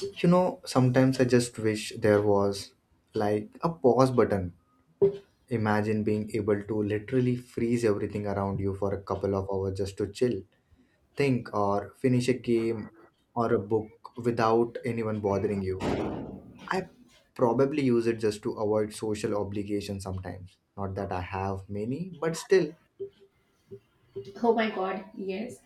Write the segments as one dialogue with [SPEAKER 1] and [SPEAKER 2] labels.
[SPEAKER 1] You know, sometimes I just wish there was like a pause button. Imagine being able to literally freeze everything around you for a couple of hours just to chill, think, or finish a game or a book without anyone bothering you. I probably use it just to avoid social obligations sometimes. Not that I have many, but still.
[SPEAKER 2] Oh my god, yes.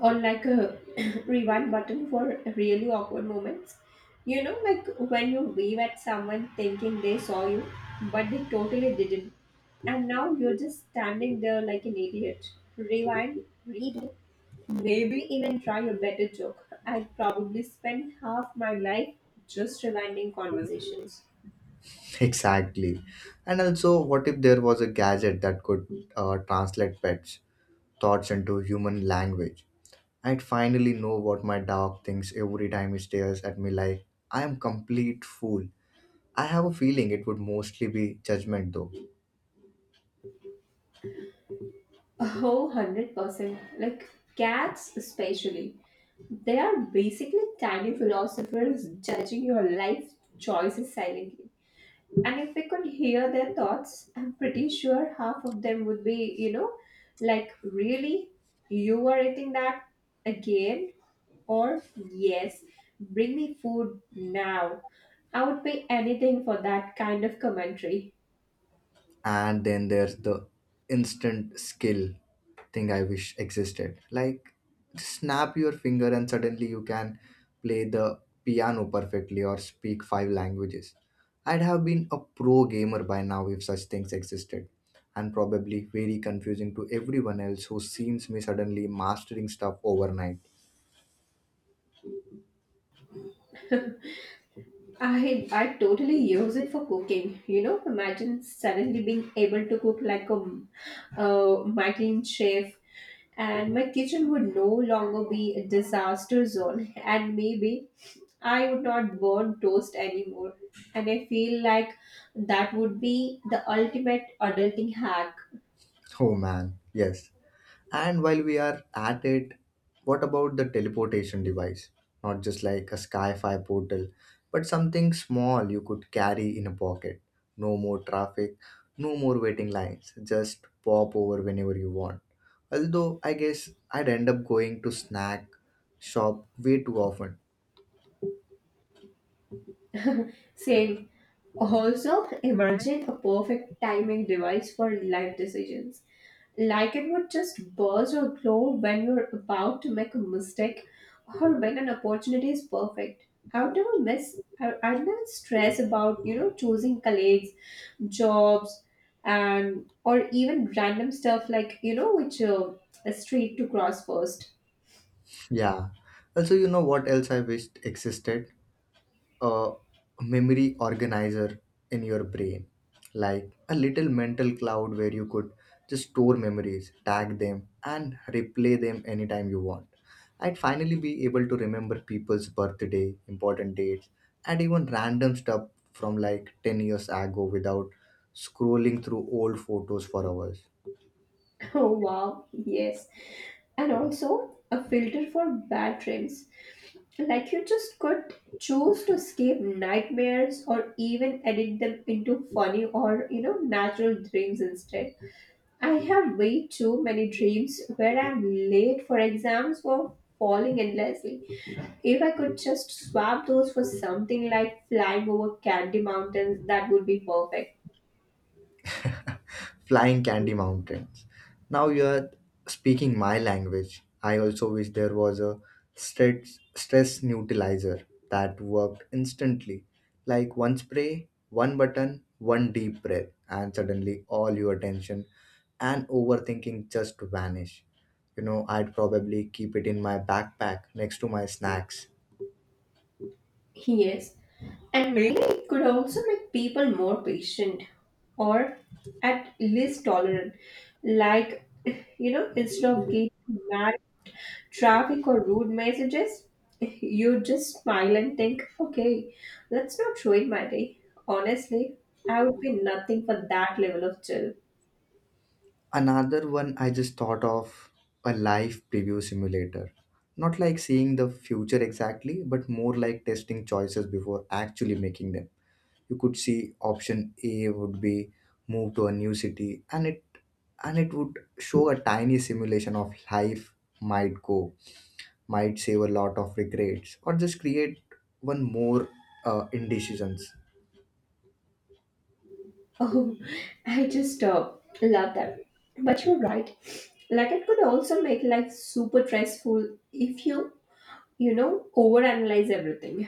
[SPEAKER 2] Or like a rewind button for really awkward moments. You know, like when you wave at someone thinking they saw you, but they totally didn't. And now you're just standing there like an idiot. Rewind, redo, maybe even try a better joke. I'd probably spend half my life just rewinding conversations.
[SPEAKER 1] Exactly. And also, what if there was a gadget that could translate pets' thoughts into human language? I'd finally know what my dog thinks every time he stares at me like I am complete fool. I have a feeling it would mostly be judgment though.
[SPEAKER 2] Oh, 100%. Like cats, especially. They are basically tiny philosophers judging your life choices silently. And if we could hear their thoughts, I'm pretty sure half of them would be, you know, like, really? You are eating that again? Or, yes, bring me food now. I would pay anything for that kind of commentary.
[SPEAKER 1] And then there's the instant skill thing I wish existed. Like just snap your finger and suddenly you can play the piano perfectly or speak five languages. I'd have been a pro gamer by now if such things existed, and probably very confusing to everyone else who seems me suddenly mastering stuff overnight.
[SPEAKER 2] I totally use it for cooking. You know, imagine suddenly being able to cook like a Michelin chef, and my kitchen would no longer be a disaster zone, and maybe I would not burn toast anymore. And I feel like that would be the ultimate adulting hack.
[SPEAKER 1] Oh man, yes. And while we are at it, what about the teleportation device? Not just like a Sky-Fi portal, but something small you could carry in a pocket. No more traffic, no more waiting lines. Just pop over whenever you want. Although I guess I'd end up going to snack shop way too often.
[SPEAKER 2] Same. Also, imagine a perfect timing device for life decisions like it would just burst or glow when you're about to make a mistake or when an opportunity is perfect. I would never miss, I'd never stress about, you know, choosing colleagues, jobs, and or even random stuff like, you know, which a street to cross first.
[SPEAKER 1] Yeah. Also, you know what else I wished existed? A memory organizer in your brain, like a little mental cloud where you could just store memories, tag them, and replay them anytime you want. I'd finally be able to remember people's birthday, important dates, and even random stuff from like 10 years ago without scrolling through old photos for hours.
[SPEAKER 2] Oh, wow, yes. And also a filter for bad dreams. Like you just could choose to escape nightmares or even edit them into funny or, you know, natural dreams instead. I have way too many dreams where I'm late for exams or falling endlessly. If I could just swap those for something like flying over candy mountains, that would be perfect.
[SPEAKER 1] Flying candy mountains. Now you are speaking my language. I also wish there was a stress neutralizer that worked instantly. Like one spray, one button, one deep breath, and suddenly all your attention and overthinking just vanish. You know, I'd probably keep it in my backpack next to my snacks.
[SPEAKER 2] Yes, and maybe it could also make people more patient or at least tolerant. Like, you know, instead of getting mad traffic or rude messages, you just smile and think, okay, that's not ruin my day. Honestly, I would pay nothing for that level of chill.
[SPEAKER 1] Another one I just thought of, a live preview simulator. Not like seeing the future exactly, but more like testing choices before actually making them. You could see option A would be move to a new city, and it would show a tiny simulation of life might go, might save a lot of regrets, or just create one more indecisions.
[SPEAKER 2] Oh, I just love that. But you're right. Like, it could also make life super stressful if you overanalyze everything.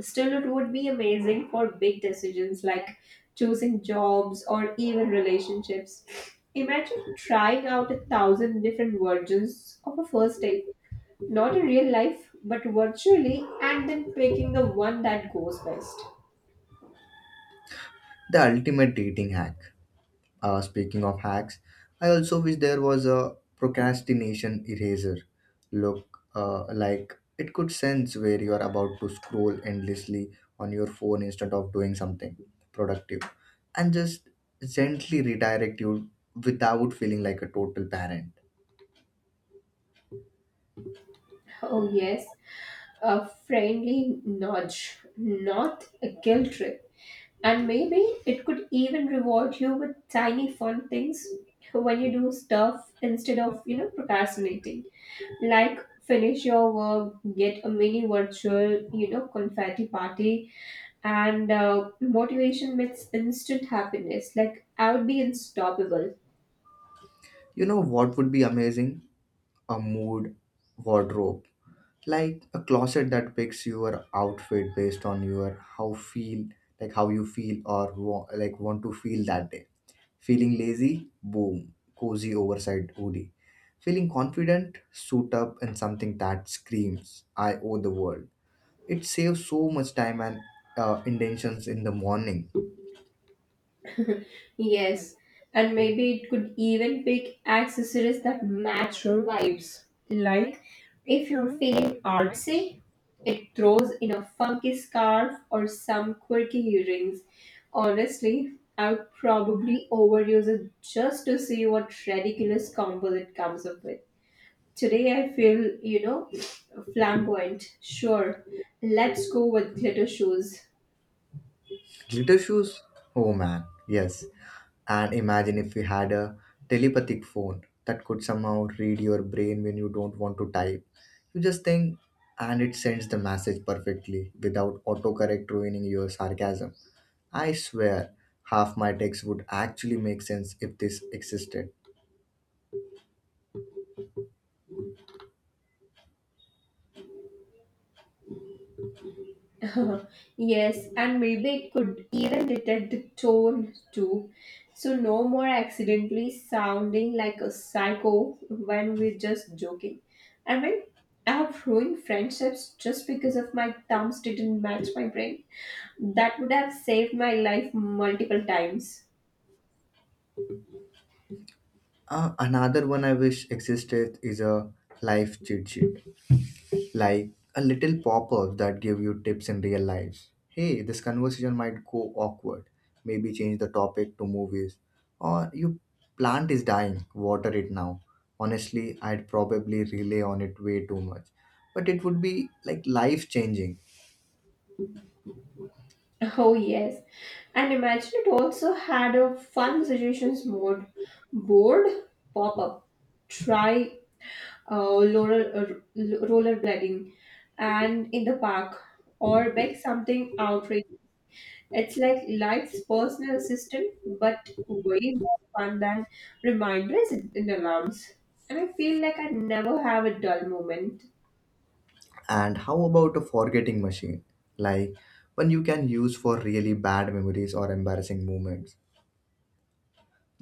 [SPEAKER 2] Still, it would be amazing for big decisions like choosing jobs or even relationships. Imagine trying out a thousand different versions of a first date, not in real life, but virtually, and then picking the one that goes best.
[SPEAKER 1] The ultimate dating hack. Speaking of hacks, I also wish there was a procrastination eraser. Look, like it could sense where you are about to scroll endlessly on your phone instead of doing something productive, and just gently redirect you without feeling like a total parent.
[SPEAKER 2] Oh, yes, a friendly nudge, not a guilt trip. And maybe it could even reward you with tiny fun things when you do stuff instead of, procrastinating. Like finish your work, get a mini virtual, confetti party, and motivation meets instant happiness. Like I would be unstoppable.
[SPEAKER 1] You know what would be amazing? A mood wardrobe. Like a closet that picks your outfit based on your how feel like how you feel or want to feel that day. Feeling lazy? Boom, cozy oversized hoodie. Feeling confident? Suit up in something that screams, I owe the world. It saves so much time and intentions in the morning.
[SPEAKER 2] Yes, and maybe it could even pick accessories that match your vibes. Like if you're feeling artsy, it throws in a funky scarf or some quirky earrings. Honestly, I would probably overuse it just to see what ridiculous combo it comes up with. Today I feel, flamboyant. Sure, let's go with glitter shoes.
[SPEAKER 1] Glitter shoes? Oh man, yes. And imagine if we had a telepathic phone that could somehow read your brain when you don't want to type. You just think, and it sends the message perfectly without autocorrect ruining your sarcasm. I swear, half my text would actually make sense if this existed.
[SPEAKER 2] Yes, and maybe it could even detect the tone too. So no more accidentally sounding like a psycho when we're just joking. I mean, I have ruined friendships just because of my thumbs didn't match my brain. That would have saved my life multiple times.
[SPEAKER 1] Another one I wish existed is a life cheat sheet, like a little pop-up that give you tips in real life. Hey, this conversation might go awkward. Maybe change the topic to movies. Or your plant is dying, water it now. Honestly, I'd probably rely on it way too much, but it would be like life changing.
[SPEAKER 2] Oh yes. And imagine it also had a fun suggestions mode. Bored? Pop up. Try rollerblading and in the park or bake something outright. It's like life's personal assistant, but way more fun than reminders and alarms. And I feel like I never have a dull moment.
[SPEAKER 1] And how about a forgetting machine? Like one you can use for really bad memories or embarrassing moments.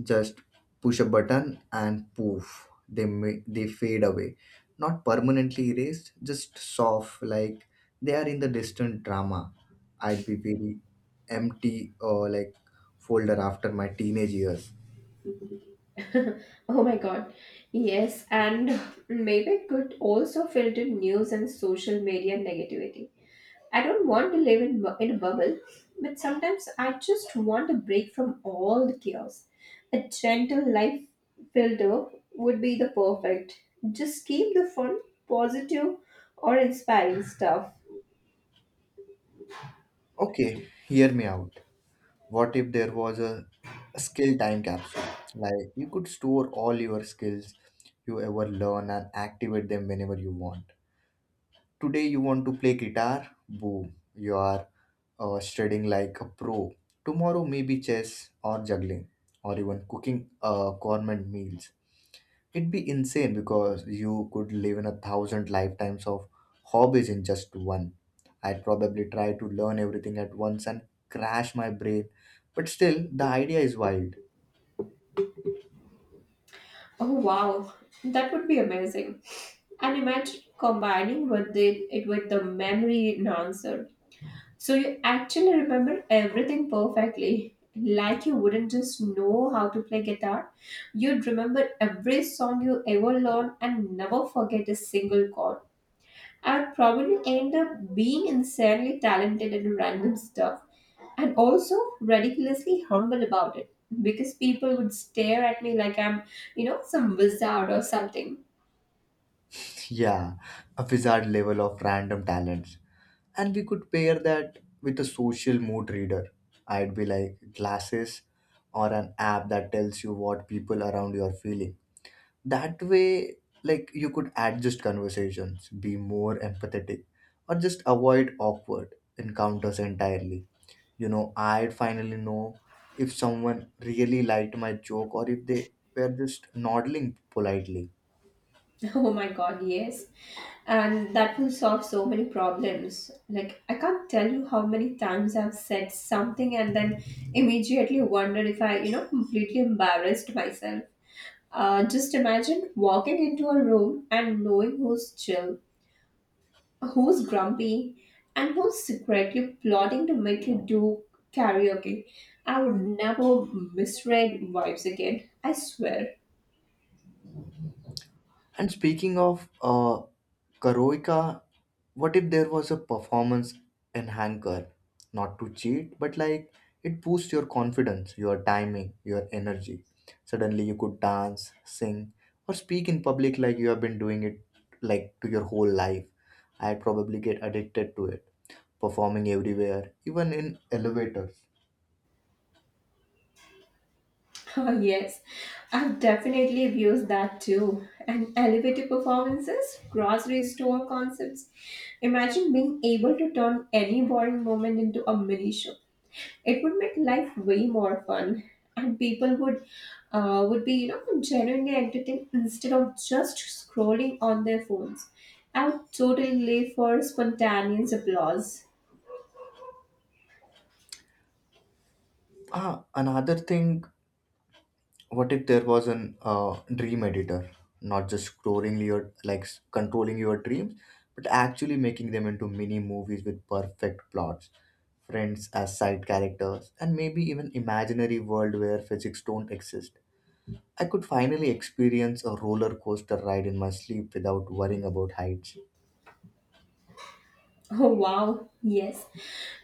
[SPEAKER 1] Just push a button and poof, they fade away. Not permanently erased, just soft, like they are in the distant drama. I'd be very empty, or like folder after my teenage years.
[SPEAKER 2] Oh my God. Yes, and maybe it could also filter news and social media negativity. I don't want to live in, in a bubble, but sometimes I just want a break from all the chaos. A gentle life filter would be the perfect. Just keep the fun, positive, or inspiring stuff.
[SPEAKER 1] Okay, hear me out. What if there was a skill time capsule? Like you could store all your skills you ever learn and activate them whenever you want. Today you want to play guitar? Boom, you are studying like a pro. Tomorrow maybe chess or juggling, or even cooking gourmet meals. It'd be insane because you could live in a thousand lifetimes of hobbies in just one. I'd probably try to learn everything at once and crash my brain, but still, the idea is wild.
[SPEAKER 2] Oh wow, that would be amazing. And imagine combining with it, it with the memory enhancer. So you actually remember everything perfectly. Like you wouldn't just know how to play guitar, you'd remember every song you ever learned and never forget a single chord. I'd probably end up being insanely talented at random stuff and also ridiculously humble about it because people would stare at me like I'm, some wizard or something.
[SPEAKER 1] Yeah, a wizard level of random talents. And we could pair that with a social mood reader. I'd be like glasses or an app that tells you what people around you are feeling. That way, like, you could adjust conversations, be more empathetic, or just avoid awkward encounters entirely. You know, I'd finally know if someone really liked my joke or if they were just nodding politely.
[SPEAKER 2] Oh my God, yes. And that will solve so many problems. Like, I can't tell you how many times I've said something and then immediately wondered if I, completely embarrassed myself. Just imagine walking into a room and knowing who's chill, who's grumpy, and who's secretly plotting to make you do karaoke. I would never misread vibes again. I swear.
[SPEAKER 1] And speaking of karaoke, what if there was a performance enhancer? Not to cheat, but like it boosts your confidence, your timing, your energy. Suddenly you could dance, sing, or speak in public like you have been doing it like to your whole life. I probably get addicted to it, performing everywhere, even in elevators.
[SPEAKER 2] Oh, yes, I've definitely used that too. And elevator performances, grocery store concepts. Imagine being able to turn any boring moment into a mini show. It would make life way more fun, and people would be genuinely entertained instead of just scrolling on their phones. I would totally live for spontaneous applause.
[SPEAKER 1] Ah, another thing. What if there was an dream editor, not just scrolling your like s- controlling your dreams, but actually making them into mini movies with perfect plots, friends as side characters, and maybe even imaginary world where physics don't exist. I could finally experience a roller coaster ride in my sleep without worrying about heights.
[SPEAKER 2] Oh wow, yes.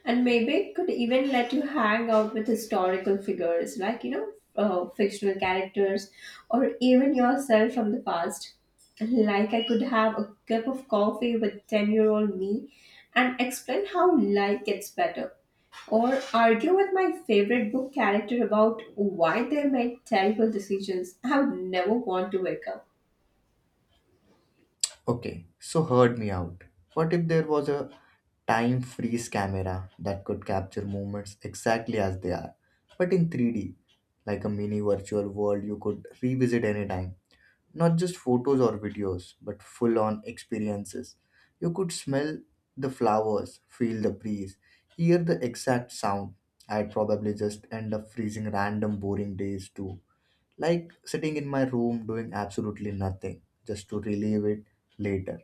[SPEAKER 2] And maybe it could even let you hang out with historical figures, like, fictional characters or even yourself from the past. Like, I could have a cup of coffee with 10-year-old year old me and explain how life gets better, or argue with my favorite book character about why they made terrible decisions I would never want to wake up.
[SPEAKER 1] Okay, so heard me out. What if there was a time freeze camera that could capture moments exactly as they are, but in 3D, like a mini virtual world you could revisit anytime? Not just photos or videos, but full on experiences. You could smell the flowers, feel the breeze, hear the exact sound. I'd probably just end up freezing random boring days too, like sitting in my room doing absolutely nothing just to relieve it later.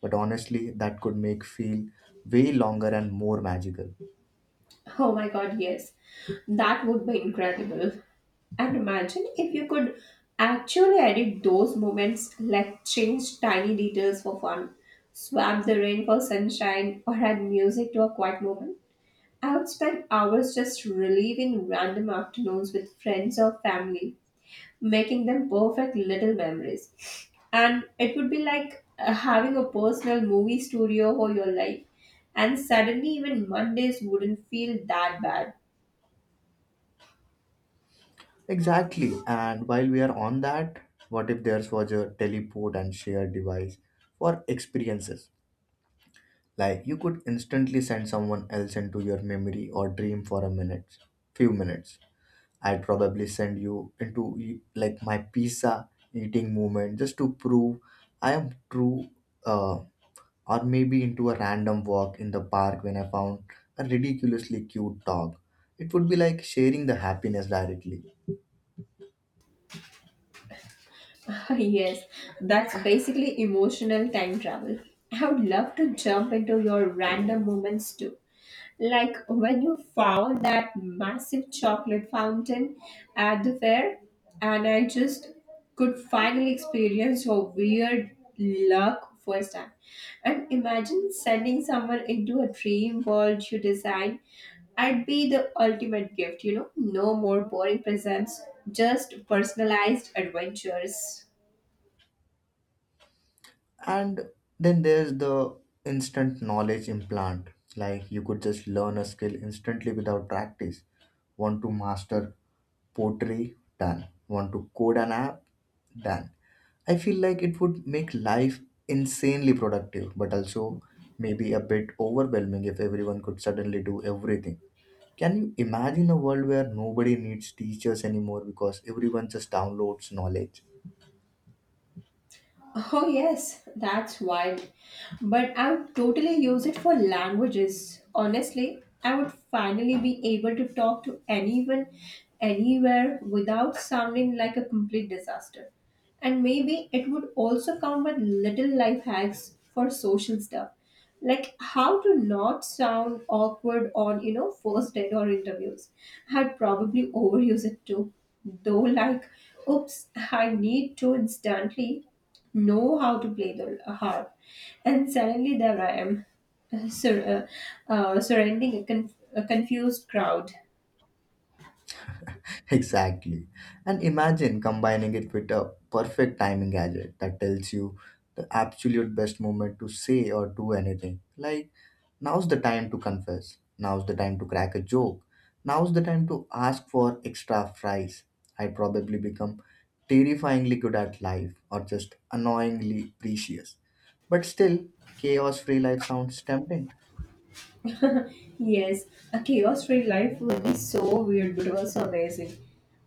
[SPEAKER 1] But honestly, that could make feel way longer and more magical.
[SPEAKER 2] Oh my god, yes. That would be incredible. And imagine if you could actually edit those moments, like change tiny details for fun, swap the rain for sunshine, or add music to a quiet moment. I would spend hours just reliving random afternoons with friends or family making them perfect little memories. And it would be like having a personal movie studio for your life. And suddenly, even Mondays wouldn't feel that bad.
[SPEAKER 1] Exactly, and while we are on that, what if there's was a teleport and share device for experiences, like you could instantly send someone else into your memory or dream for a minute few minutes. I'd probably send you into my pizza eating moment just to prove I am true. uh, or maybe into a random walk in the park when I found a ridiculously cute dog. It would be like sharing the happiness directly.
[SPEAKER 2] Yes, that's basically emotional time travel. I would love to jump into your random moments too. Like when you found that massive chocolate fountain at the fair, and I just could finally experience your weird luck first time. And imagine sending someone into a dream world you design. I'd be the ultimate gift. You know, no more boring presents, just personalized adventures.
[SPEAKER 1] And then there's the instant knowledge implant. Like you could just learn a skill instantly without practice. Want to master pottery? Done. Want to code an app? Done. I feel like it would make life insanely productive, but also maybe a bit overwhelming if everyone could suddenly do everything. Can you imagine a world where nobody needs teachers anymore because everyone just downloads knowledge?
[SPEAKER 2] Oh, yes, that's wild. But I would totally use it for languages. Honestly, I would finally be able to talk to anyone anywhere without sounding like a complete disaster. And maybe it would also come with little life hacks for social stuff like how to not sound awkward on first date or interviews. I'd probably overuse it too, though. Like, oops, I need to instantly know how to play the harp, and suddenly there I am sur- surrounding a confused crowd.
[SPEAKER 1] Exactly. And imagine combining it with a perfect timing gadget that tells you the absolute best moment to say or do anything. Like, now's the time to confess. Now's the time to crack a joke. Now's the time to ask for extra fries. I probably become terrifyingly good at life, or just annoyingly precious. But still, chaos free life sounds tempting.
[SPEAKER 2] Yes, a chaos-free life would be so weird, but also amazing.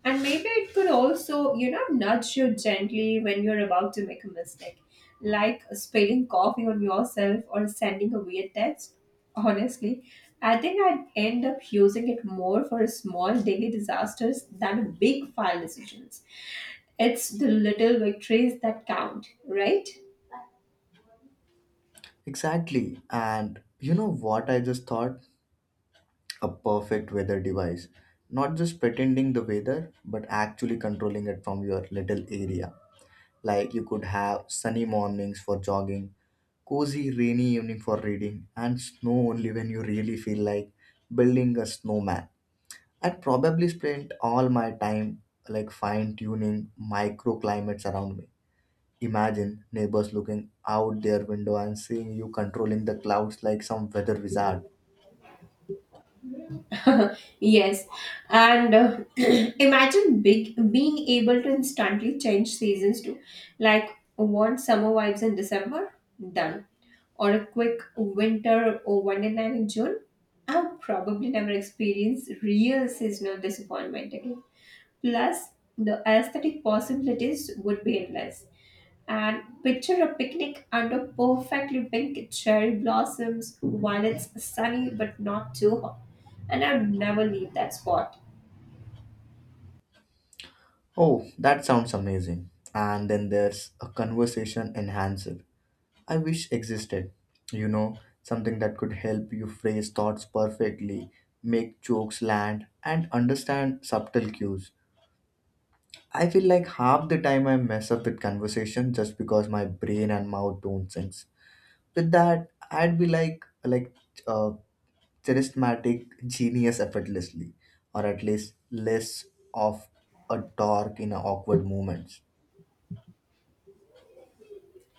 [SPEAKER 2] And maybe it could also, nudge you gently when you're about to make a mistake, like spilling coffee on yourself or sending a weird text. Honestly, I think I'd end up using it more for small daily disasters than big file decisions. It's the little victories that count, right?
[SPEAKER 1] Exactly. And you know what I just thought? A perfect weather device, not just pretending the weather, but actually controlling it from your little area. Like you could have sunny mornings for jogging, cozy rainy evening for reading, and snow only when you really feel like building a snowman. I'd probably spend all my time like fine tuning microclimates around me. Imagine neighbors looking out their window and seeing you controlling the clouds like some weather wizard.
[SPEAKER 2] Yes, and imagine big being able to instantly change seasons too, like want summer vibes in December, done, or a quick winter or wonderland in June. I'll probably never experience real seasonal disappointment again. Plus, the aesthetic possibilities would be endless. And picture a picnic under perfectly pink cherry blossoms while it's sunny but not too hot. And I'd never leave that spot.
[SPEAKER 1] Oh, that sounds amazing. And then there's a conversation enhancer I wish existed. You know, something that could help you phrase thoughts perfectly, make jokes land, and understand subtle cues. I feel like half the time I mess up with conversation just because my brain and mouth don't sync. With that, I'd be like uh, charismatic genius effortlessly, or at least less of a dork in awkward moments.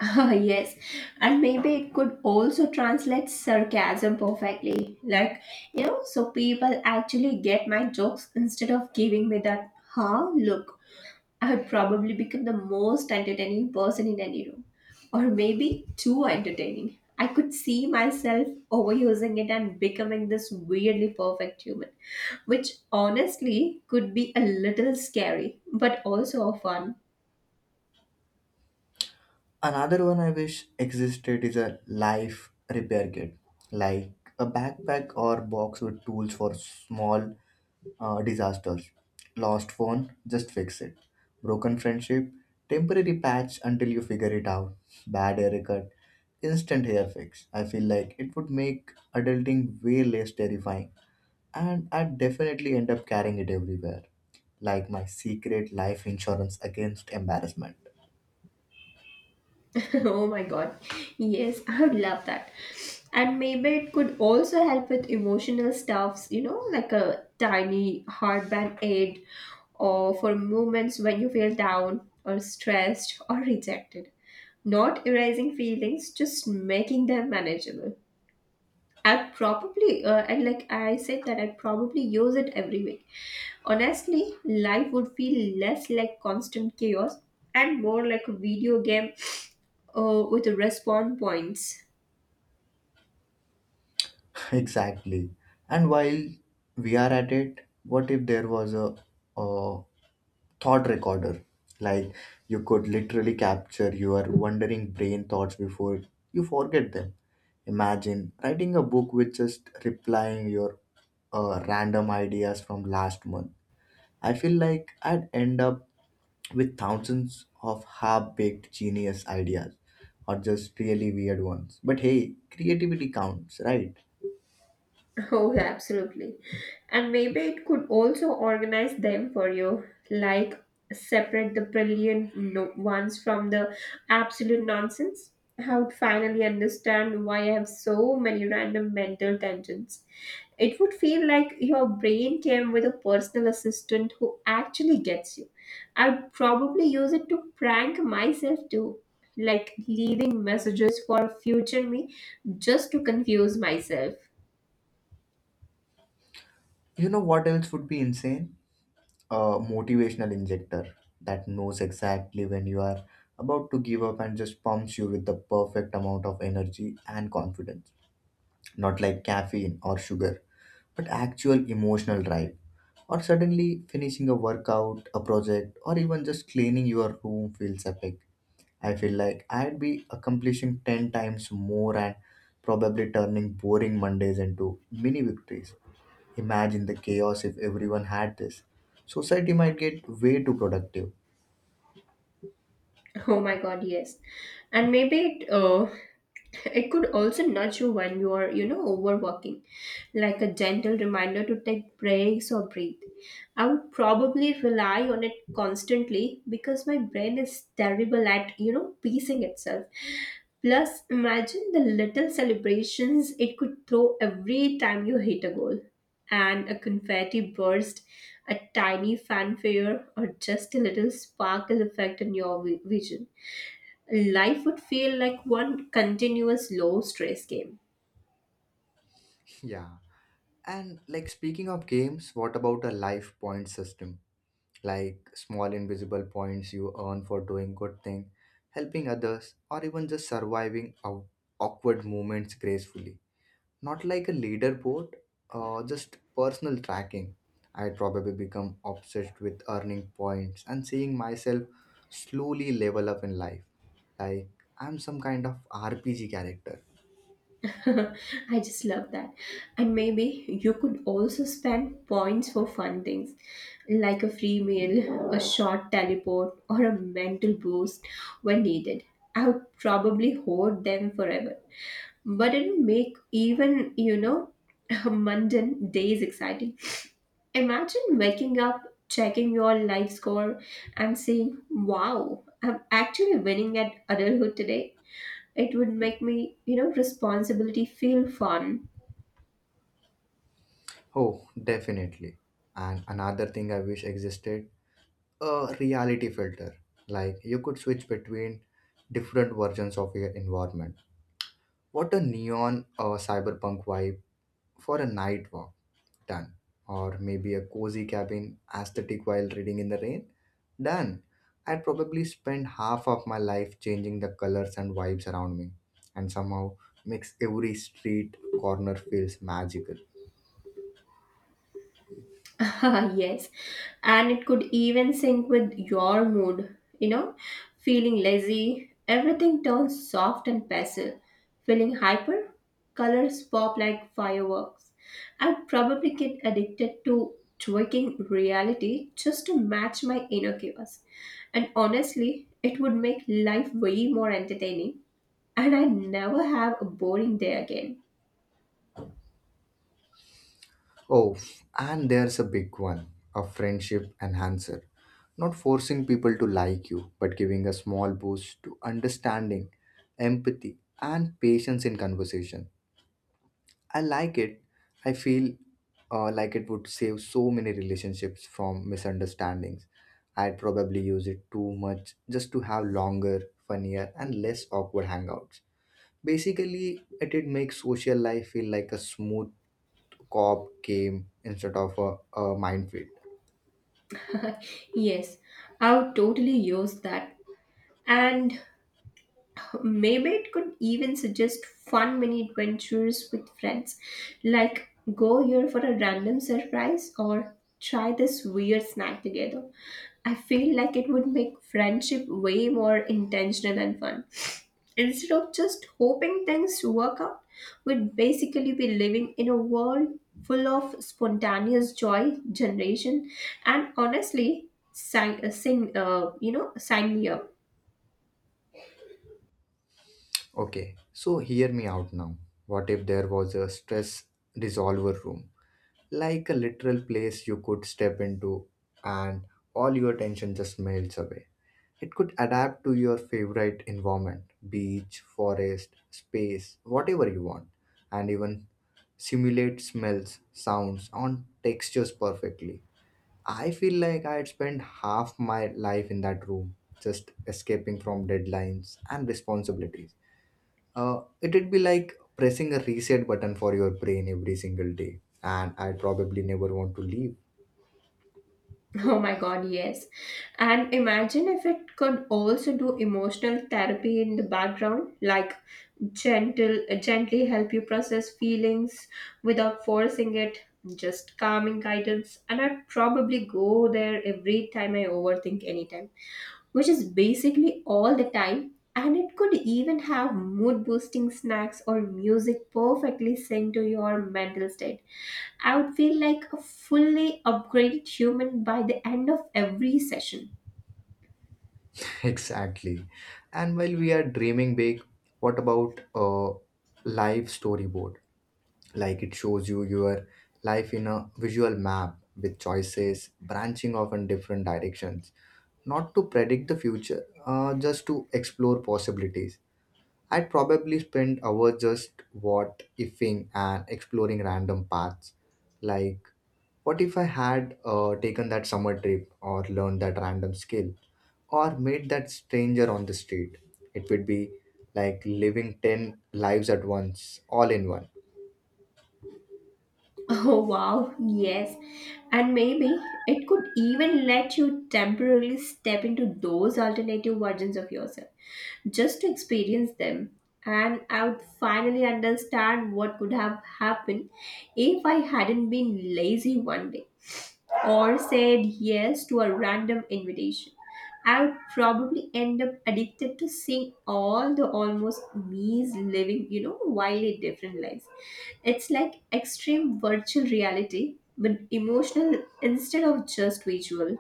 [SPEAKER 2] Ah, yes, and maybe it could also translate sarcasm perfectly. Like, so people actually get my jokes instead of giving me that, huh, look. I would probably become the most entertaining person in any room, or maybe too entertaining. I could see myself overusing it and becoming this weirdly perfect human, which honestly could be a little scary, but also fun.
[SPEAKER 1] Another one I wish existed is a life repair kit, like a backpack or box with tools for small disasters. Lost phone, just fix it. Broken friendship, temporary patch until you figure it out. Bad haircut, instant hair fix. I feel like it would make adulting way less terrifying, and I'd definitely end up carrying it everywhere, like my secret life insurance against embarrassment.
[SPEAKER 2] Oh my god. Yes, I would love that. And maybe it could also help with emotional stuffs, like a tiny heartband aid or for moments when you feel down or stressed or rejected. Not erasing feelings, just making them manageable. I'd probably, and like I said, that I'd probably use it every week. Honestly, life would feel less like constant chaos and more like a video game with respawn points.
[SPEAKER 1] Exactly. And while we are at it, what if there was a thought recorder? Like you could literally capture your wandering brain thoughts before you forget them. Imagine writing a book with just replying your random ideas from last month. I feel like I'd end up with thousands of half-baked genius ideas, or just really weird ones. But hey, creativity counts, right?
[SPEAKER 2] Oh, absolutely. And maybe it could also organize them for you, like separate the brilliant ones from the absolute nonsense. I would finally understand why I have so many random mental tangents. It would feel like your brain came with a personal assistant who actually gets you. I'd probably use it to prank myself too, like leaving messages for future me just to confuse myself.
[SPEAKER 1] You know what else would be insane? A motivational injector that knows exactly when you are about to give up and just pumps you with the perfect amount of energy and confidence. Not like caffeine or sugar, but actual emotional drive. Or suddenly finishing a workout, a project, or even just cleaning your room feels epic. I feel like I'd be accomplishing 10 times more and probably turning boring Mondays into mini victories. Imagine the chaos if everyone had this. Society might get way too productive.
[SPEAKER 2] Oh my God, yes. And maybe it could also nudge you when you are, overworking, like a gentle reminder to take breaks or breathe. I would probably rely on it constantly because my brain is terrible at, piecing itself. Plus, imagine the little celebrations it could throw every time you hit a goal and a confetti burst, a tiny fanfare, or just a little sparkle effect in your vision. Life would feel like one continuous low stress game.
[SPEAKER 1] Yeah. And like speaking of games, what about a life point system? Like small invisible points you earn for doing good thing, helping others, or even just surviving awkward moments gracefully. Not like a leaderboard, just personal tracking. I'd probably become obsessed with earning points and seeing myself slowly level up in life. Like I'm some kind of RPG character.
[SPEAKER 2] I just love that. And maybe you could also spend points for fun things like a free meal, a short teleport, or a mental boost when needed. I would probably hoard them forever, but it will make even mundane days exciting. Imagine waking up, checking your life score and saying, wow, I'm actually winning at adulthood today. It would make me, responsibility feel fun.
[SPEAKER 1] Oh, definitely. And another thing I wish existed, a reality filter. Like you could switch between different versions of your environment. What a neon or cyberpunk vibe for a night walk, done. Or maybe a cozy cabin aesthetic while reading in the rain, done. I'd probably spend half of my life changing the colors and vibes around me, and somehow makes every street corner feels magical.
[SPEAKER 2] Yes, and it could even sync with your mood. You know, feeling lazy, everything turns soft and passive. Feeling hyper, colors pop like fireworks. I'd probably get addicted to tweaking reality just to match my inner chaos. And honestly, it would make life way more entertaining, and I'd never have a boring day again.
[SPEAKER 1] Oh, and there's a big one, a friendship enhancer. Not forcing people to like you, but giving a small boost to understanding, empathy, and patience in conversation. I like it. I feel like it would save so many relationships from misunderstandings. I'd probably use it too much just to have longer, funnier, and less awkward hangouts. Basically, it'd make social life feel like a smooth cop came instead of a minefield.
[SPEAKER 2] Yes, I would totally use that. And maybe it could even suggest fun mini adventures with friends, like go here for a random surprise or try this weird snack together. I feel like it would make friendship way more intentional and fun. Instead of just hoping things work out, we'd basically be living in a world full of spontaneous joy generation. And honestly, sign, sign, you know sign me up.
[SPEAKER 1] Okay, so hear me out now. What if there was a stress resolver room? Like a literal place you could step into and all your tension just melts away. It could adapt to your favorite environment, beach, forest, space, whatever you want, and even simulate smells, sounds, and textures perfectly. I feel like I had spent half my life in that room, just escaping from deadlines and responsibilities. It'd be like pressing a reset button for your brain every single day, and I'd probably never want to leave.
[SPEAKER 2] Oh my god, yes. And imagine if it could also do emotional therapy in the background, like gentle gently help you process feelings without forcing it, just calming guidance. And I'd probably go there every time I overthink anytime, which is basically all the time, and it could even have mood boosting snacks or music perfectly synced to your mental state. I would feel like a fully upgraded human by the end of every session.
[SPEAKER 1] Exactly. And while we are dreaming big, what about a live storyboard? Like it shows you your life in a visual map with choices branching off in different directions, not to predict the future, just to explore possibilities. I'd probably spend hours just what ifing and exploring random paths. Like, what if I had taken that summer trip or learned that random skill or made that stranger on the street? It would be like living 10 lives at once, all in one.
[SPEAKER 2] Oh wow, yes. And maybe it could even let you temporarily step into those alternative versions of yourself just to experience them. And I would finally understand what could have happened if I hadn't been lazy one day or said yes to a random invitation. I would probably end up addicted to seeing all the almost me's living, wildly different lives. It's like extreme virtual reality but emotional instead of just visual.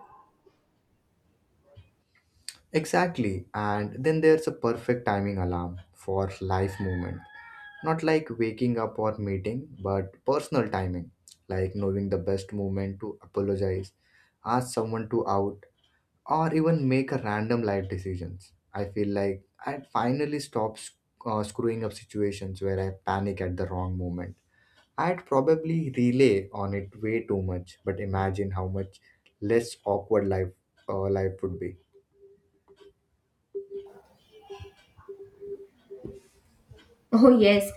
[SPEAKER 1] Exactly. And then there's a perfect timing alarm for life movement. Not like waking up or meeting, but personal timing, like knowing the best moment to apologize, ask someone to out, or even make a random life decisions. I feel like I'd finally stopped screwing up situations where I panic at the wrong moment. I'd probably relay on it way too much, but imagine how much less awkward life life would be.
[SPEAKER 2] Oh, yes.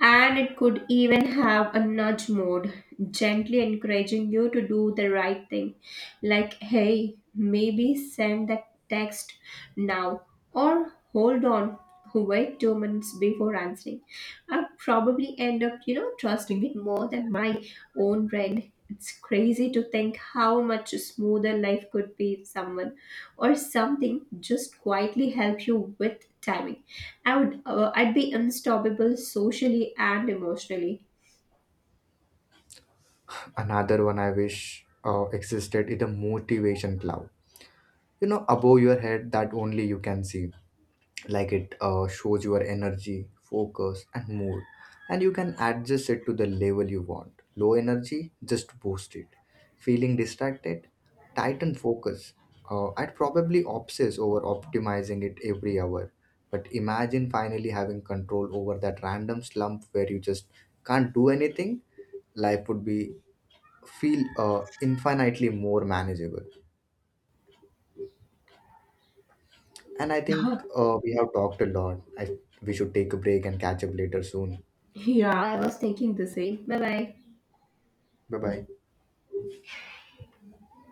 [SPEAKER 2] And it could even have a nudge mode, gently encouraging you to do the right thing. Like, hey, maybe send that text now, or hold on, wait 2 minutes before answering. I'll probably end up, trusting it more than my own brain. It's crazy to think how much smoother life could be if someone or something just quietly help you with timing. I'd be unstoppable socially and emotionally.
[SPEAKER 1] Another one I wish existed is a motivation cloud. You know, above your head that only you can see. Like it shows your energy focus and mood, and you can adjust it to the level you want. Low energy, just boost it. Feeling distracted, tighten focus. I'd probably obsess over optimizing it every hour, but imagine finally having control over that random slump where you just can't do anything. Life would be feel infinitely more manageable. And I think we have talked a lot. I we should take a break and catch up later soon.
[SPEAKER 2] Yeah, I was thinking the same. Bye bye.
[SPEAKER 1] Bye bye.